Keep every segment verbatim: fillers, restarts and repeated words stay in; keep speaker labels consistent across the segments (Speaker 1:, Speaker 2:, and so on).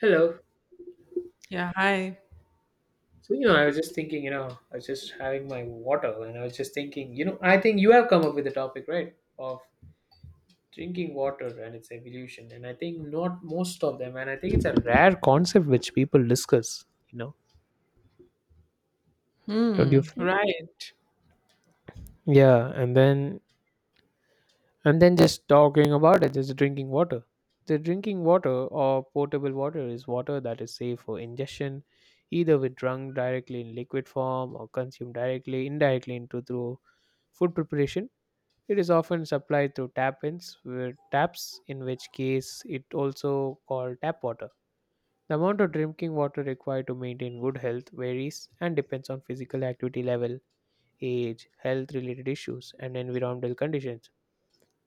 Speaker 1: Hello.
Speaker 2: Yeah, hi.
Speaker 1: So, you know, I was just thinking, you know, I was just having my water and I was just thinking, you know, I think you have come up with the topic, right, of drinking water and its evolution. And I think not most of them. And I think it's a rare concept which people discuss, you know, don't you?
Speaker 2: Hmm,
Speaker 1: f-
Speaker 2: right.
Speaker 1: Yeah. And then, and then just talking about it, just drinking water. The drinking water or potable water is water that is safe for ingestion, either with drunk directly in liquid form or consumed directly, indirectly into through food preparation. It is often supplied through tap-ins, where taps, in which case it also called tap water. The amount of drinking water required to maintain good health varies and depends on physical activity level, age, health-related issues, and environmental conditions.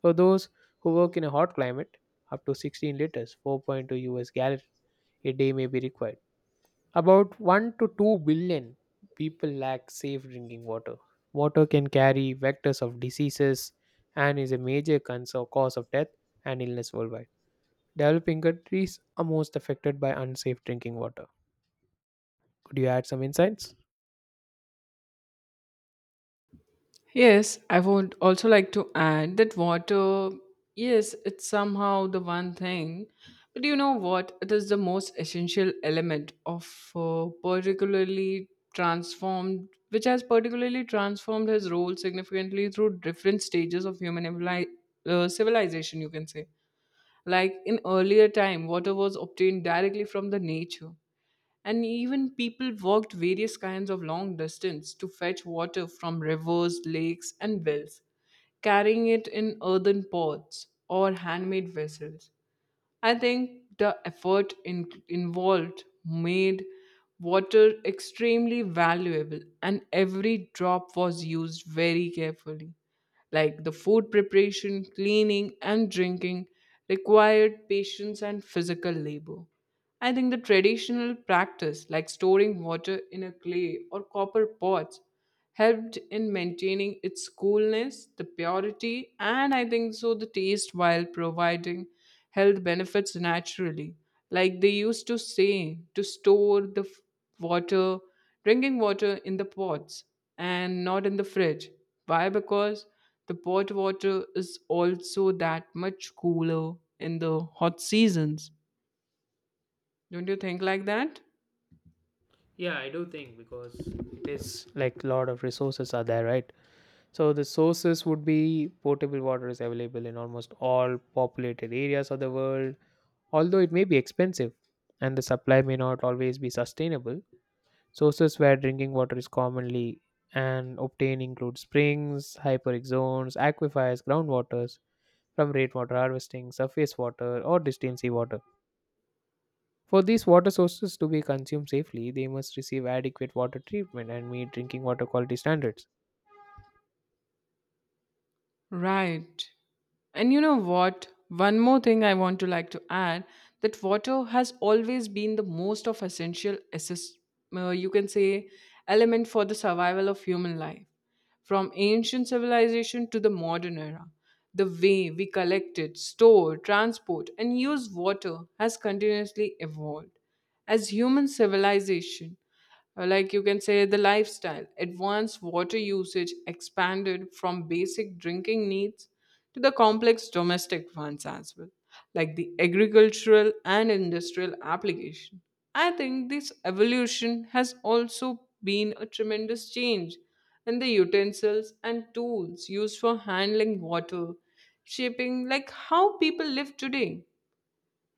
Speaker 1: For those who work in a hot climate, up to sixteen liters, four point two U S gallon a day may be required. About one to two billion people lack safe drinking water. Water can carry vectors of diseases and is a major concern, cause of death and illness worldwide. Developing countries are most affected by unsafe drinking water. Could you add some insights?
Speaker 2: Yes, I would also like to add that water, yes, it's somehow the one thing. But you know what? It is the most essential element of uh, particularly transformed, which has particularly transformed his role significantly through different stages of human evili- uh, civilization, you can say. Like in earlier time, water was obtained directly from the nature, and even people walked various kinds of long distance to fetch water from rivers, lakes, and wells, carrying it in earthen pots or handmade vessels. I think the effort in- involved made water extremely valuable, and every drop was used very carefully. Like the food preparation, cleaning, and drinking required patience and physical labor. I think the traditional practice, like storing water in a clay or copper pots, helped in maintaining its coolness, the purity, and I think so the taste, while providing health benefits naturally. Like they used to say, to store the f- water, drinking water in the pots and not in the fridge. Why? Because the pot water is also that much cooler in the hot seasons. Don't you think like that?
Speaker 1: Yeah, I do think because it is like a lot of resources are there, right? So the sources would be potable water is available in almost all populated areas of the world, although it may be expensive and the supply may not always be sustainable. Sources where drinking water is commonly and obtained include springs, hyperic zones, aquifers, groundwaters from rainwater harvesting, surface water, or distilled seawater. For these water sources to be consumed safely, they must receive adequate water treatment and meet drinking water quality standards.
Speaker 2: Right. And you know what? One more thing I want to like to add that water has always been the most of essential assist, uh, you can say, element for the survival of human life. From ancient civilization to the modern era, the way we collect it, store, transport and use water has continuously evolved. As human civilization, Uh, like you can say, the lifestyle advanced, water usage expanded from basic drinking needs to the complex domestic ones as well, like the agricultural and industrial application. I think this evolution has also been a tremendous change in the utensils and tools used for handling water, shaping like how people live today.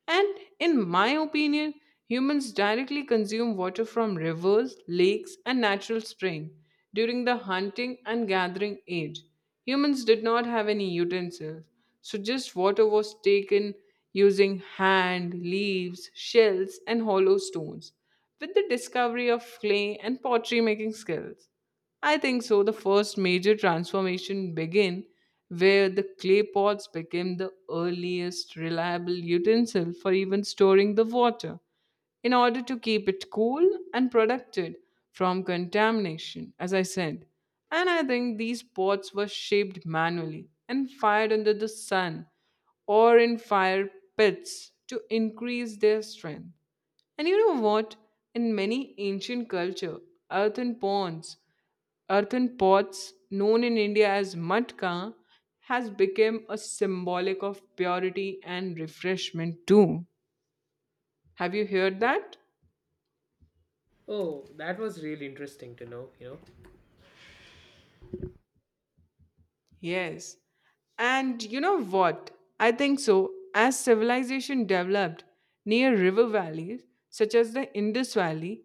Speaker 2: And in my opinion, humans directly consume water from rivers, lakes, and natural springs during the hunting and gathering age. Humans did not have any utensils, so just water was taken using hand, leaves, shells, and hollow stones. With the discovery of clay and pottery making skills, I think so, the first major transformation began, where the clay pots became the earliest reliable utensil for even storing the water in order to keep it cool and protected from contamination, as I said. And I think these pots were shaped manually and fired under the sun or in fire pits to increase their strength. And you know what? In many ancient culture, earthen ponds earthen pots, known in India as matka, has become a symbolic of purity and refreshment too. Have you heard that?
Speaker 1: Oh, that was really interesting to know, you know.
Speaker 2: Yes. And you know what? I think so. As civilization developed near river valleys such as the Indus Valley,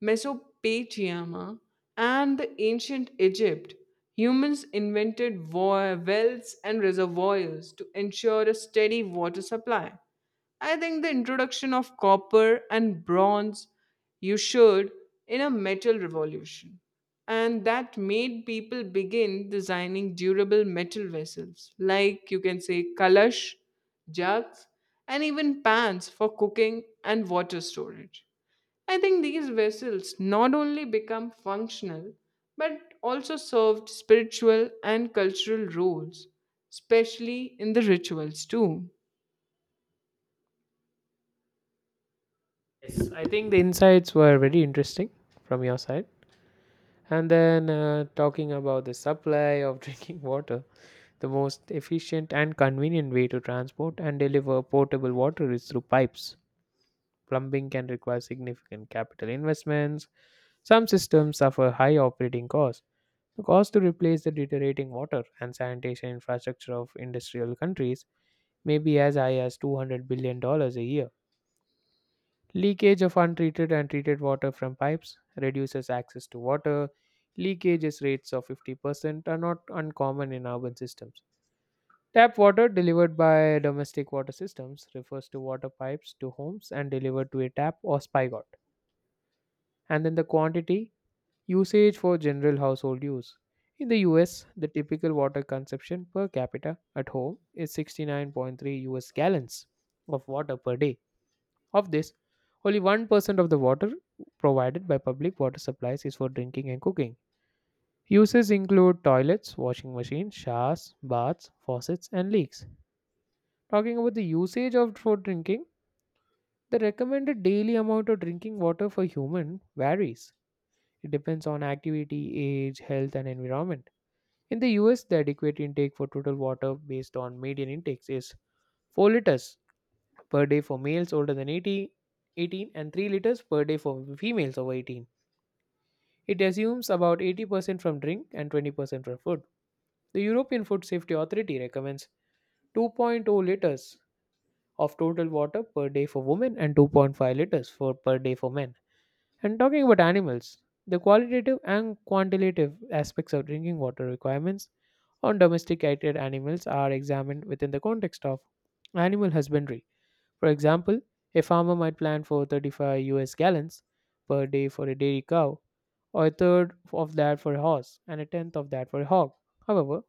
Speaker 2: Mesopotamia, and the ancient Egypt, humans invented wa- wells and reservoirs to ensure a steady water supply. I think the introduction of copper and bronze, you should, in a metal revolution. And that made people begin designing durable metal vessels, like you can say kalash, jugs, and even pans for cooking and water storage. I think these vessels not only become functional but also served spiritual and cultural roles, especially in the rituals too.
Speaker 1: Yes, I think the insights were very interesting from your side. And then uh, talking about the supply of drinking water, the most efficient and convenient way to transport and deliver potable water is through pipes. Plumbing can require significant capital investments. Some systems suffer high operating costs. The cost to replace the deteriorating water and sanitation infrastructure of industrial countries may be as high as $200 billion dollars a year. Leakage of untreated and treated water from pipes reduces access to water. Leakages rates of fifty percent are not uncommon in urban systems. Tap water delivered by domestic water systems refers to water pipes to homes and delivered to a tap or spigot. And then the quantity usage for general household use. In the U S, the typical water consumption per capita at home is sixty-nine point three U S gallons of water per day. Of this, only one percent of the water provided by public water supplies is for drinking and cooking. Uses include toilets, washing machines, showers, baths, faucets, and leaks. Talking about the usage of for drinking, the recommended daily amount of drinking water for human varies. It depends on activity, age, health, and environment. In the U S, the adequate intake for total water based on median intakes is four liters per day for males older than eighty, 18 and three liters per day for females over eighteen. It assumes about eighty percent from drink and twenty percent from food. The European Food Safety Authority recommends 2.0 liters of total water per day for women and two point five liters for per day for men. And talking about animals, the qualitative and quantitative aspects of drinking water requirements on domesticated animals are examined within the context of animal husbandry. For example, a farmer might plan for thirty-five U S gallons per day for a dairy cow, or a third of that for a horse, and a tenth of that for a hog. However,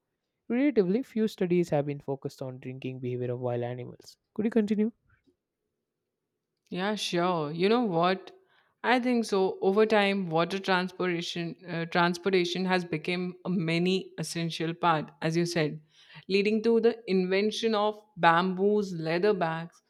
Speaker 1: relatively few studies have been focused on drinking behavior of wild animals. Could you continue?
Speaker 2: Yeah, sure. You know what? I think so. Over time, water transportation uh, transportation has become a many essential part, as you said, leading to the invention of bamboos, leather bags,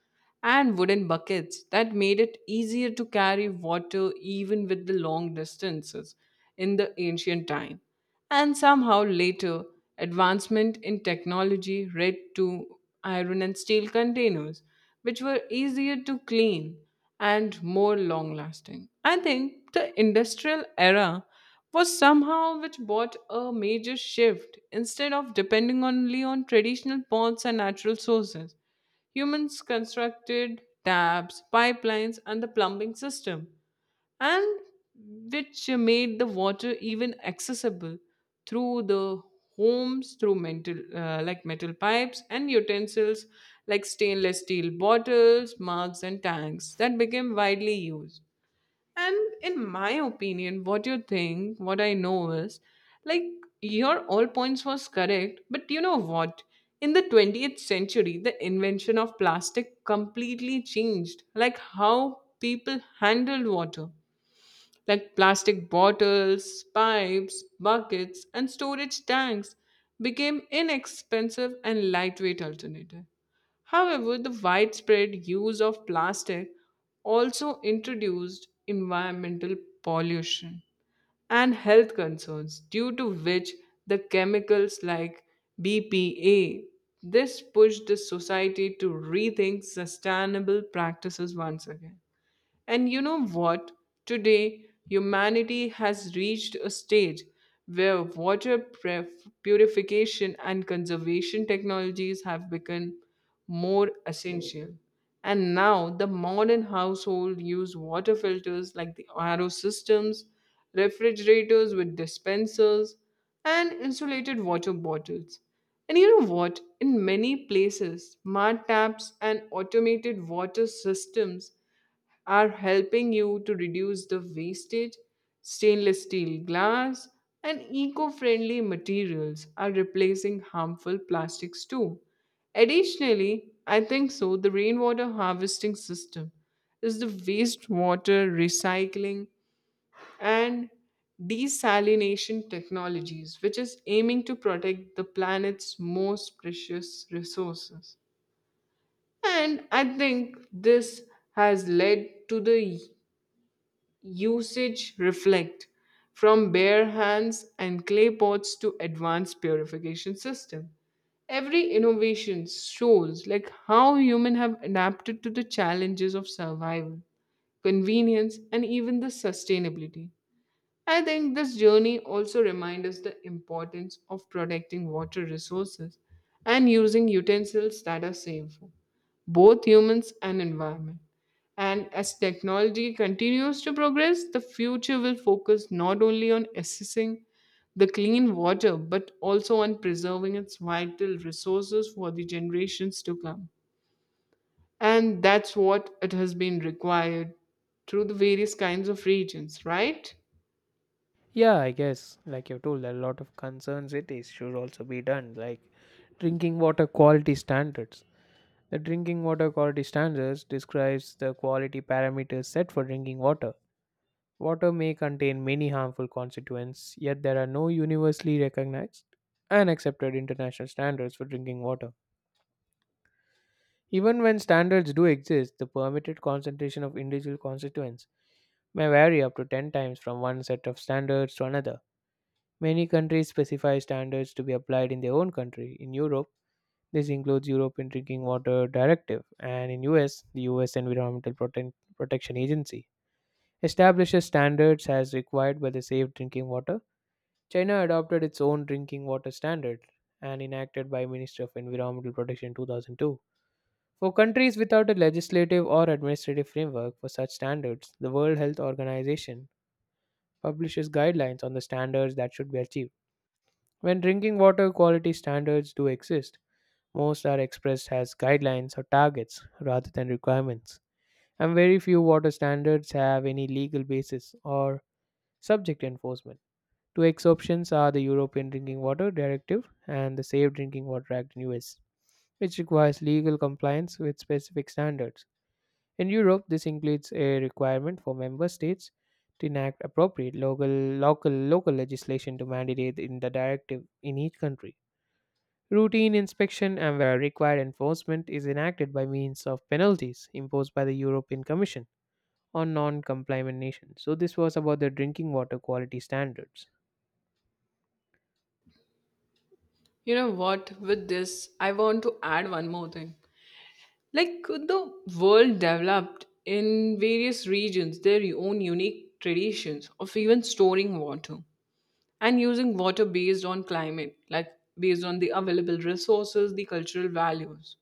Speaker 2: and wooden buckets that made it easier to carry water even with the long distances in the ancient time. And somehow later, advancement in technology led to iron and steel containers, which were easier to clean and more long lasting. I think the industrial era was somehow which brought a major shift. Instead of depending only on traditional ponds and natural sources, humans constructed taps, pipelines, and the plumbing system, and which made the water even accessible through the homes through metal uh, like metal pipes and utensils like stainless steel bottles, mugs and tanks, that became widely used. And in my opinion, what you think, what I know is, like, your all points was correct, but you know what? In the twentieth century, the invention of plastic completely changed like how people handled water. Like plastic bottles, pipes, buckets, and storage tanks became inexpensive and lightweight alternative. However, the widespread use of plastic also introduced environmental pollution and health concerns, due to which the chemicals like B P A, this pushed the society to rethink sustainable practices once again. And you know what? Today, humanity has reached a stage where water pref- purification and conservation technologies have become more essential. And now, the modern household use water filters like the R O systems, refrigerators with dispensers, and insulated water bottles. And you know what? In many places, smart taps and automated water systems are helping you to reduce the wastage. Stainless steel glass and eco friendly materials are replacing harmful plastics too. Additionally, I think so, the rainwater harvesting system is the wastewater recycling and desalination technologies, which is aiming to protect the planet's most precious resources. And I think this has led to the usage reflect from bare hands and clay pots to advanced purification system. Every innovation shows like how humans have adapted to the challenges of survival, convenience, and even the sustainability. I think this journey also reminds us the importance of protecting water resources and using utensils that are safe, for both humans and environment. And as technology continues to progress, the future will focus not only on assessing the clean water but also on preserving its vital resources for the generations to come. And that's what it has been required through the various kinds of regions, right?
Speaker 1: Yeah, I guess, like you told, there are a lot of concerned cities should also be done, like drinking water quality standards. The drinking water quality standards describes the quality parameters set for drinking water. Water may contain many harmful constituents, yet there are no universally recognized and accepted international standards for drinking water. Even when standards do exist, the permitted concentration of individual constituents may vary up to ten times from one set of standards to another. Many countries specify standards to be applied in their own country. In Europe, this includes European Drinking Water Directive, and in U S, the U S Environmental Prote- Protection Agency establishes standards as required by the Safe Drinking Water. China adopted its own drinking water standard and enacted by Ministry of Environmental Protection in two thousand two. For countries without a legislative or administrative framework for such standards, the World Health Organization publishes guidelines on the standards that should be achieved. When drinking water quality standards do exist, most are expressed as guidelines or targets rather than requirements, and very few water standards have any legal basis or subject enforcement. Two exceptions are the European Drinking Water Directive and the Safe Drinking Water Act in U S, which requires legal compliance with specific standards. In Europe, this includes a requirement for member states to enact appropriate local local local legislation to mandate in the directive in each country. Routine inspection and where required enforcement is enacted by means of penalties imposed by the European Commission on non-compliant nations. So this was about the drinking water quality standards.
Speaker 2: You know what? With this, I want to add one more thing. Like the world developed in various regions their own unique traditions of even storing water and using water based on climate, like based on the available resources, the cultural values.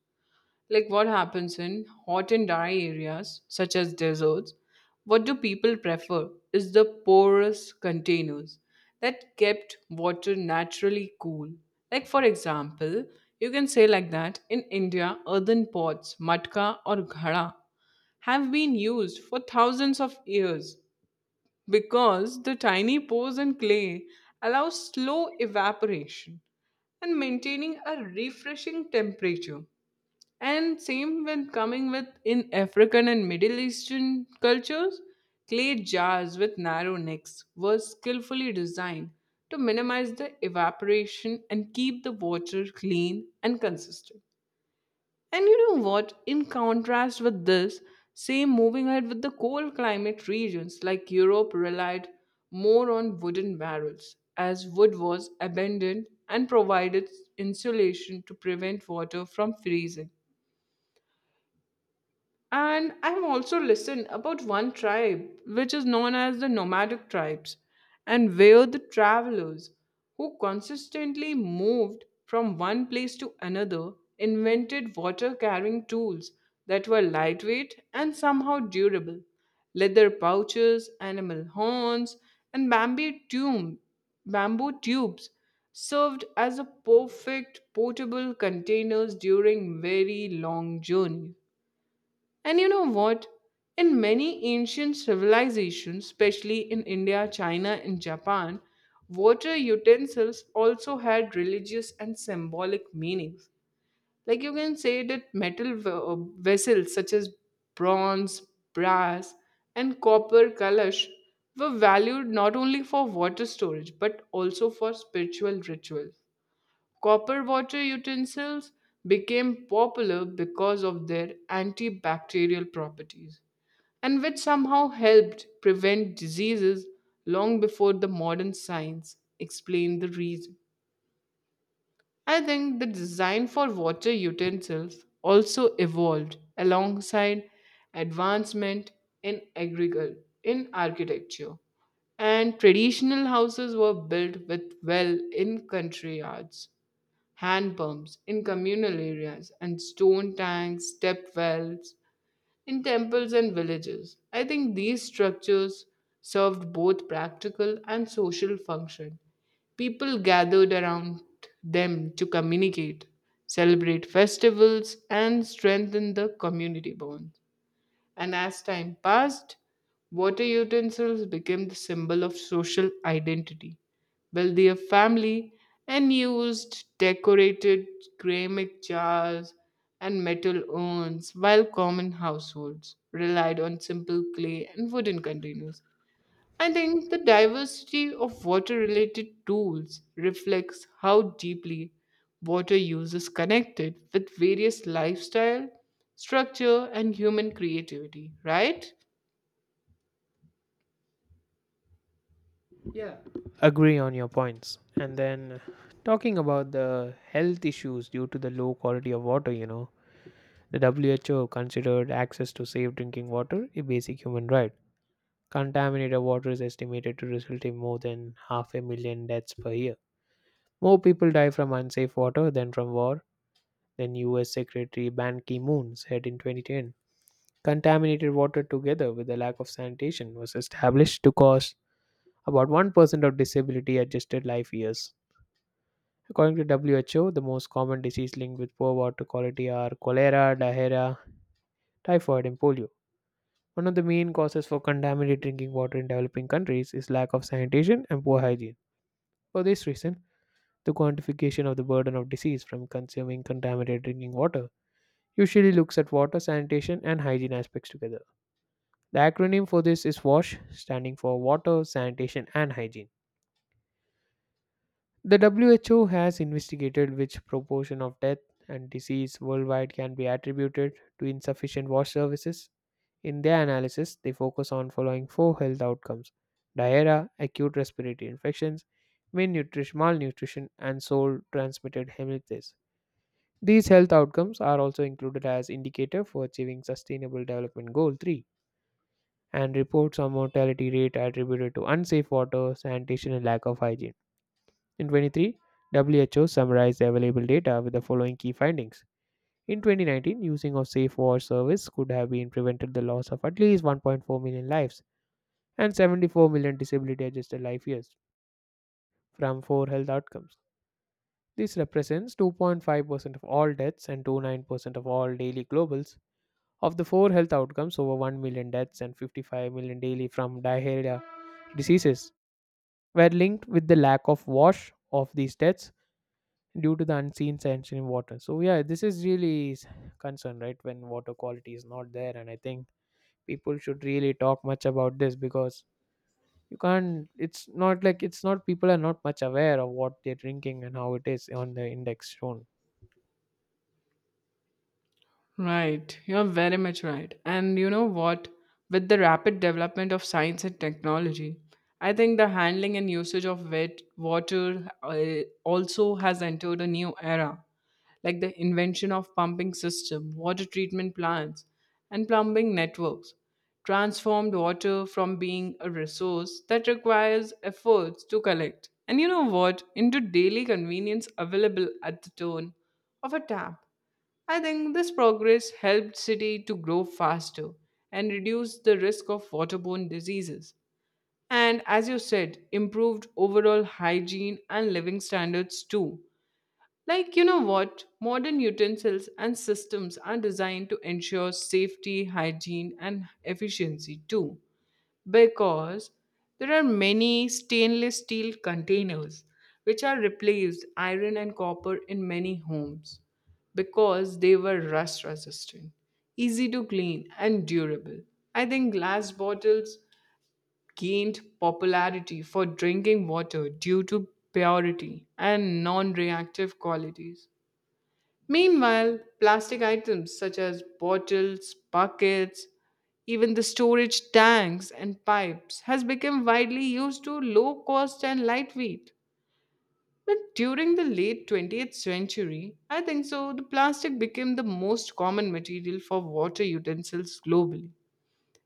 Speaker 2: Like what happens in hot and dry areas, such as deserts, what do people prefer is the porous containers that kept water naturally cool. Like for example, you can say like that in India, earthen pots, matka or ghada have been used for thousands of years, because the tiny pores in clay allow slow evaporation and maintaining a refreshing temperature. And same when coming with in African and Middle Eastern cultures, clay jars with narrow necks were skillfully designed to minimize the evaporation and keep the water clean and consistent. And you know what? In contrast with this, same moving ahead with the cold climate regions like Europe relied more on wooden barrels, as wood was abundant and provided insulation to prevent water from freezing. And I've also listened about one tribe which is known as the nomadic tribes, and were the travelers who consistently moved from one place to another, invented water carrying tools that were lightweight and somehow durable. Leather pouches, animal horns, and bamboo, tube, bamboo tubes served as a perfect portable containers during very long journeys. And you know what? In many ancient civilizations, especially in India, China, and Japan, water utensils also had religious and symbolic meanings. Like you can say that metal v- uh, vessels such as bronze, brass, and copper kalash were valued not only for water storage but also for spiritual rituals. Copper water utensils became popular because of their antibacterial properties, and which somehow helped prevent diseases long before the modern science explained the reason. I think the design for water utensils also evolved alongside advancement in agriculture, in architecture, and traditional houses were built with well in country yards, hand pumps in communal areas, and stone tanks, step wells in temples and villages. I think these structures served both practical and social function. People gathered around them to communicate, celebrate festivals, and strengthen the community bond. And as time passed, water utensils became the symbol of social identity. Wealthier family and used decorated ceramic jars and metal urns, while common households relied on simple clay and wooden containers. I think the diversity of water related tools reflects how deeply water use is connected with various lifestyle, structure, and human creativity, right?
Speaker 1: Yeah. Agree on your points. And then talking about the health issues due to the low quality of water, you know, the W H O considered access to safe drinking water a basic human right. Contaminated water is estimated to result in more than half a million deaths per year. More people die from unsafe water than from war, then U S Secretary Ban Ki-moon said in twenty ten. Contaminated water together with the lack of sanitation was established to cause about one percent of disability adjusted life years. According to W H O, the most common disease linked with poor water quality are cholera, diarrhea, typhoid, and polio. One of the main causes for contaminated drinking water in developing countries is lack of sanitation and poor hygiene. For this reason, the quantification of the burden of disease from consuming contaminated drinking water usually looks at water, sanitation, and hygiene aspects together. The acronym for this is WASH, standing for Water, Sanitation, and Hygiene. The W H O has investigated which proportion of death and disease worldwide can be attributed to insufficient wash services. In their analysis, they focus on following four health outcomes diarrhea, acute respiratory infections, malnutrition, malnutrition and soil transmitted hemiplegias. These health outcomes are also included as indicator for achieving sustainable development goal three, and reports on mortality rate attributed to unsafe water, sanitation, and lack of hygiene. In twenty-three, W H O summarized the available data with the following key findings. In twenty nineteen, using of safe water service could have been prevented the loss of at least one point four million lives and seventy-four million disability adjusted life years from four health outcomes. This represents two point five percent of all deaths and twenty-nine percent of all daily globals. Of the four health outcomes, over one million deaths and fifty-five million daily from diarrhea diseases were linked with the lack of wash of these deaths due to the unseen sanction in water. So yeah, this is really s- concern, right? When water quality is not there, and I think people should really talk much about this because you can't. It's not like it's not people are not much aware of what they're drinking and how it is on the index shown.
Speaker 2: Right, you're very much right. And you know what? With the rapid development of science and technology, I think the handling and usage of wet water, uh, also has entered a new era, like the invention of pumping system, water treatment plants, and plumbing networks, transformed water from being a resource that requires efforts to collect. And you know what? Into daily convenience available at the turn of a tap. I think this progress helped city to grow faster and reduce the risk of waterborne diseases. And as you said, improved overall hygiene and living standards too. Like, you know what? Modern utensils and systems are designed to ensure safety, hygiene, and efficiency too, because there are many stainless steel containers which are replaced iron and copper in many homes because they were rust resistant, easy to clean, and durable. I think glass bottles gained popularity for drinking water due to purity and non reactive qualities. Meanwhile, plastic items such as bottles, buckets, even the storage tanks and pipes has become widely used to low cost and lightweight. But during the late twentieth century, I think so, the plastic became the most common material for water utensils globally.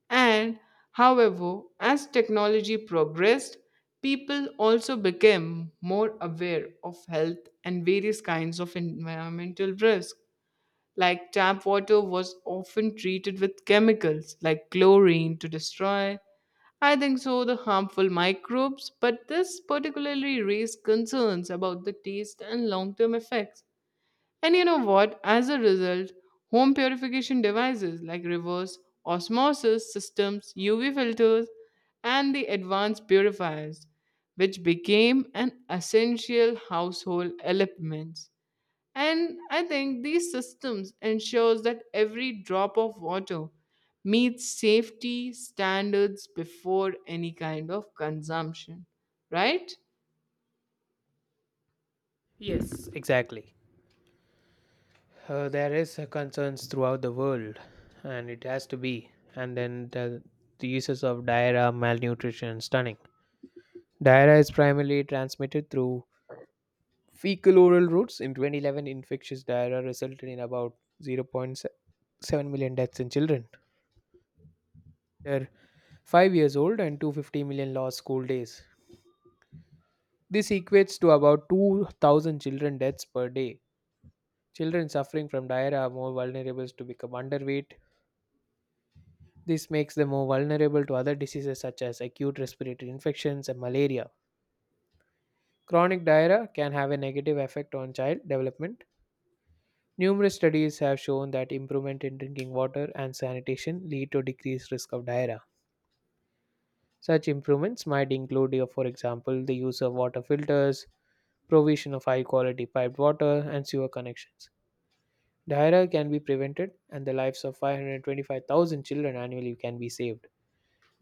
Speaker 2: And however, as technology progressed, people also became more aware of health and various kinds of environmental risk. Like tap water was often treated with chemicals like chlorine to destroy, I think so, the harmful microbes, but this particularly raised concerns about the taste and long term effects. And you know what? As a result, home purification devices like reverse osmosis systems, U V filters, and the advanced purifiers, which became an essential household element. And I think these systems ensures that every drop of water meets safety standards before any kind of consumption, right?
Speaker 1: Yes, exactly. Uh, there is uh, concerns throughout the world, and it has to be. And then the, the uses of diarrhea, malnutrition, stunning. Diarrhea is primarily transmitted through fecal-oral routes. In twenty eleven, infectious diarrhea resulted in about zero point zero point seven million deaths in children. They're five years old, and two hundred fifty million lost school days. This equates to about two thousand children deaths per day. Children suffering from diarrhea are more vulnerable to become underweight. This makes them more vulnerable to other diseases such as acute respiratory infections and malaria. Chronic diarrhea can have a negative effect on child development. Numerous studies have shown that improvement in drinking water and sanitation lead to decreased risk of diarrhea. Such improvements might include, uh, for example, the use of water filters, provision of high quality piped water, and sewer connections. Diarrhea can be prevented, and the lives of five hundred twenty-five thousand children annually can be saved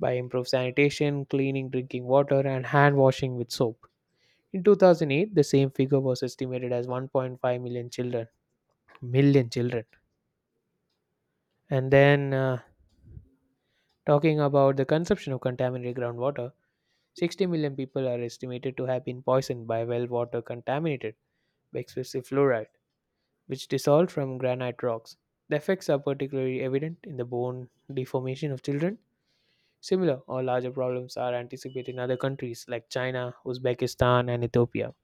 Speaker 1: by improved sanitation, cleaning drinking water, and hand washing with soap. In two thousand eight, the same figure was estimated as one point five million children. Million children. And then, uh, talking about the consumption of contaminated groundwater, sixty million people are estimated to have been poisoned by well water contaminated by excessive fluoride, which dissolved from granite rocks. The effects are particularly evident in the bone deformation of children. Similar or larger problems are anticipated in other countries like China, Uzbekistan, and Ethiopia.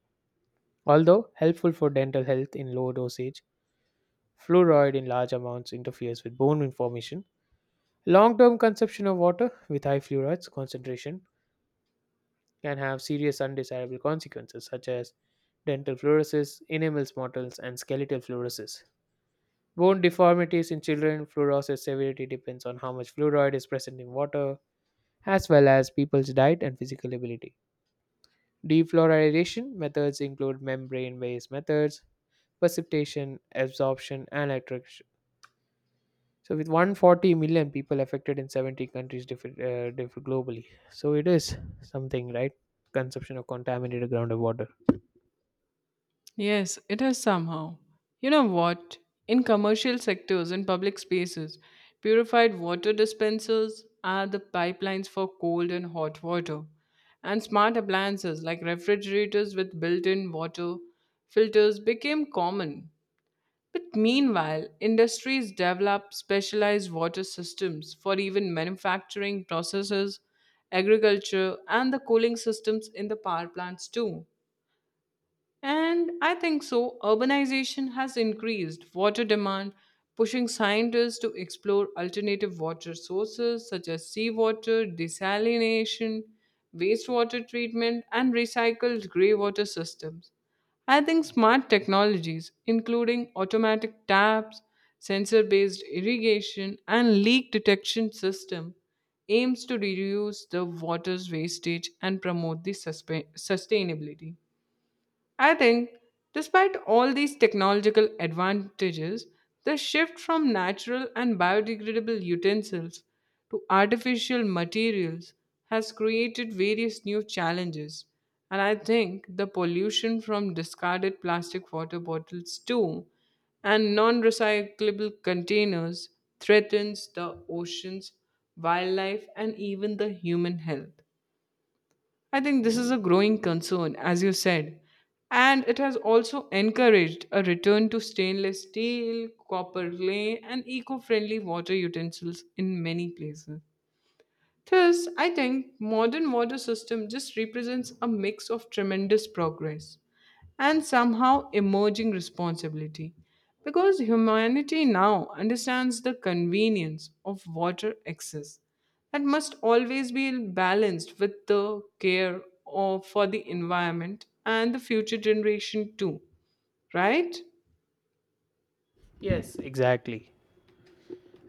Speaker 1: Although helpful for dental health in low dosage, fluoride in large amounts interferes with bone formation. Long term consumption of water with high fluoride concentration can have serious undesirable consequences such as dental fluorosis, enamel smottles, and skeletal fluorosis. Bone deformities in children, fluorosis severity depends on how much fluoride is present in water, as well as people's diet and physical ability. Defluoridation methods include membrane based methods, precipitation, absorption, and electric. So with one hundred forty million people affected in seventy countries diff uh, diff- globally. So it is something, right? Consumption of contaminated groundwater.
Speaker 2: Yes, it has somehow. You know what? In commercial sectors and public spaces, purified water dispensers are the pipelines for cold and hot water. And smart appliances like refrigerators with built in water filters became common. But meanwhile, industries develop specialized water systems for even manufacturing processes, agriculture, and the cooling systems in the power plants too. And I think so, urbanization has increased water demand, pushing scientists to explore alternative water sources such as seawater, desalination, wastewater treatment, and recycled grey water systems. I think smart technologies, including automatic taps, sensor based irrigation, and leak detection system, aims to reduce the water's wastage and promote the suspe- sustainability. I think, despite all these technological advantages, the shift from natural and biodegradable utensils to artificial materials has created various new challenges. And I think the pollution from discarded plastic water bottles, too, and non recyclable containers threatens the oceans, wildlife, and even the human health. I think this is a growing concern, as you said, and it has also encouraged a return to stainless steel, copper clay, and eco friendly water utensils in many places. Thus, I think modern water system just represents a mix of tremendous progress and somehow emerging responsibility because humanity now understands the convenience of water access that must always be balanced with the care of for the environment and the future generation too, right?
Speaker 1: Yes, exactly.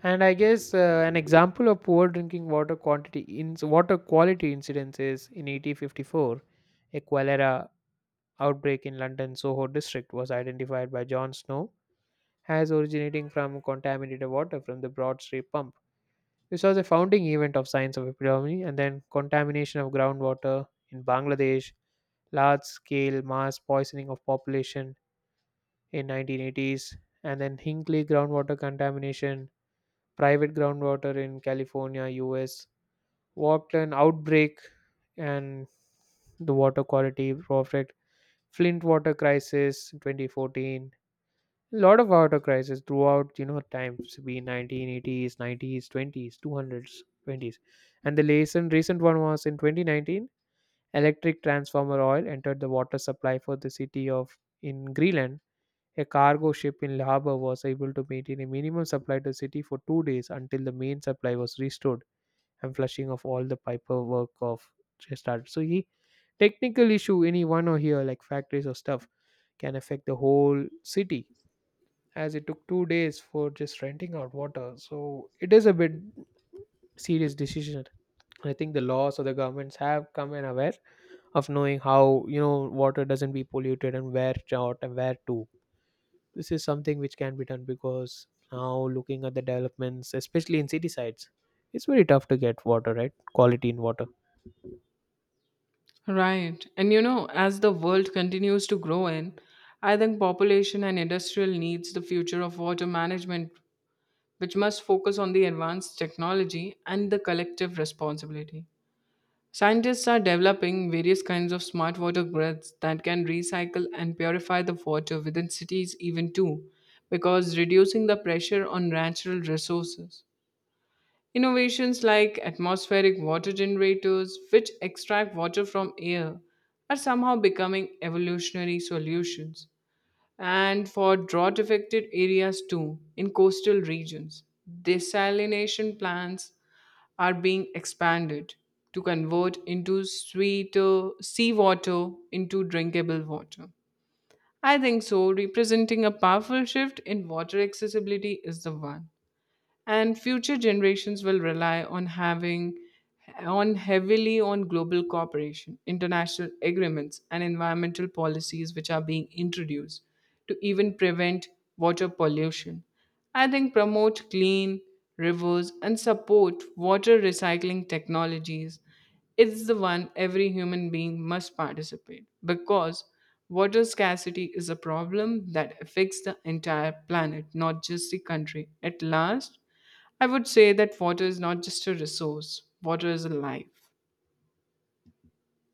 Speaker 1: And I guess uh, an example of poor drinking water quantity in water quality incidents is in eighteen fifty-four, a cholera outbreak in London Soho district was identified by John Snow as originating from contaminated water from the Broad Street pump. This was a founding event of science of epidemiology, and then contamination of groundwater in Bangladesh, large scale mass poisoning of population in nineteen eighties, and then Hinkley groundwater contamination, private groundwater in California, U S, Walkland outbreak, and the water quality project, Flint water crisis in twenty fourteen, a lot of water crises throughout you know times be nineteen eighties nineties twenties two hundreds 20s and the recent recent one was in twenty nineteen. Electric transformer oil entered the water supply for the city of in Greenland. A cargo ship in harbor was able to maintain a minimum supply to the city for two days until the main supply was restored and flushing of all the piper work of started. So he technical issue any one or here like factories or stuff can affect the whole city, as it took two days for just renting out water. So it is a bit serious decision. I think the laws or the governments have come in aware of knowing how you know water doesn't be polluted and where out and where to. This is something which can be done because now looking at the developments, especially in city sides, it's very tough to get water right, quality in water.
Speaker 2: Right. And you know, as the world continues to grow in, I think population and industrial needs the future of water management, which must focus on the advanced technology and the collective responsibility. Scientists are developing various kinds of smart water grids that can recycle and purify the water within cities, even too, because reducing the pressure on natural resources. Innovations like atmospheric water generators, which extract water from air, are somehow becoming evolutionary solutions. And for drought affected areas too, in coastal regions, desalination plants are being expanded to convert into sweeter seawater into drinkable water. I think so, representing a powerful shift in water accessibility is the one, and future generations will rely on having on heavily on global cooperation, international agreements, and environmental policies which are being introduced to even prevent water pollution. I think promote clean rivers and support water recycling technologies is the one every human being must participate, because water scarcity is a problem that affects the entire planet, not just the country. At last, I would say that water is not just a resource, water is a life.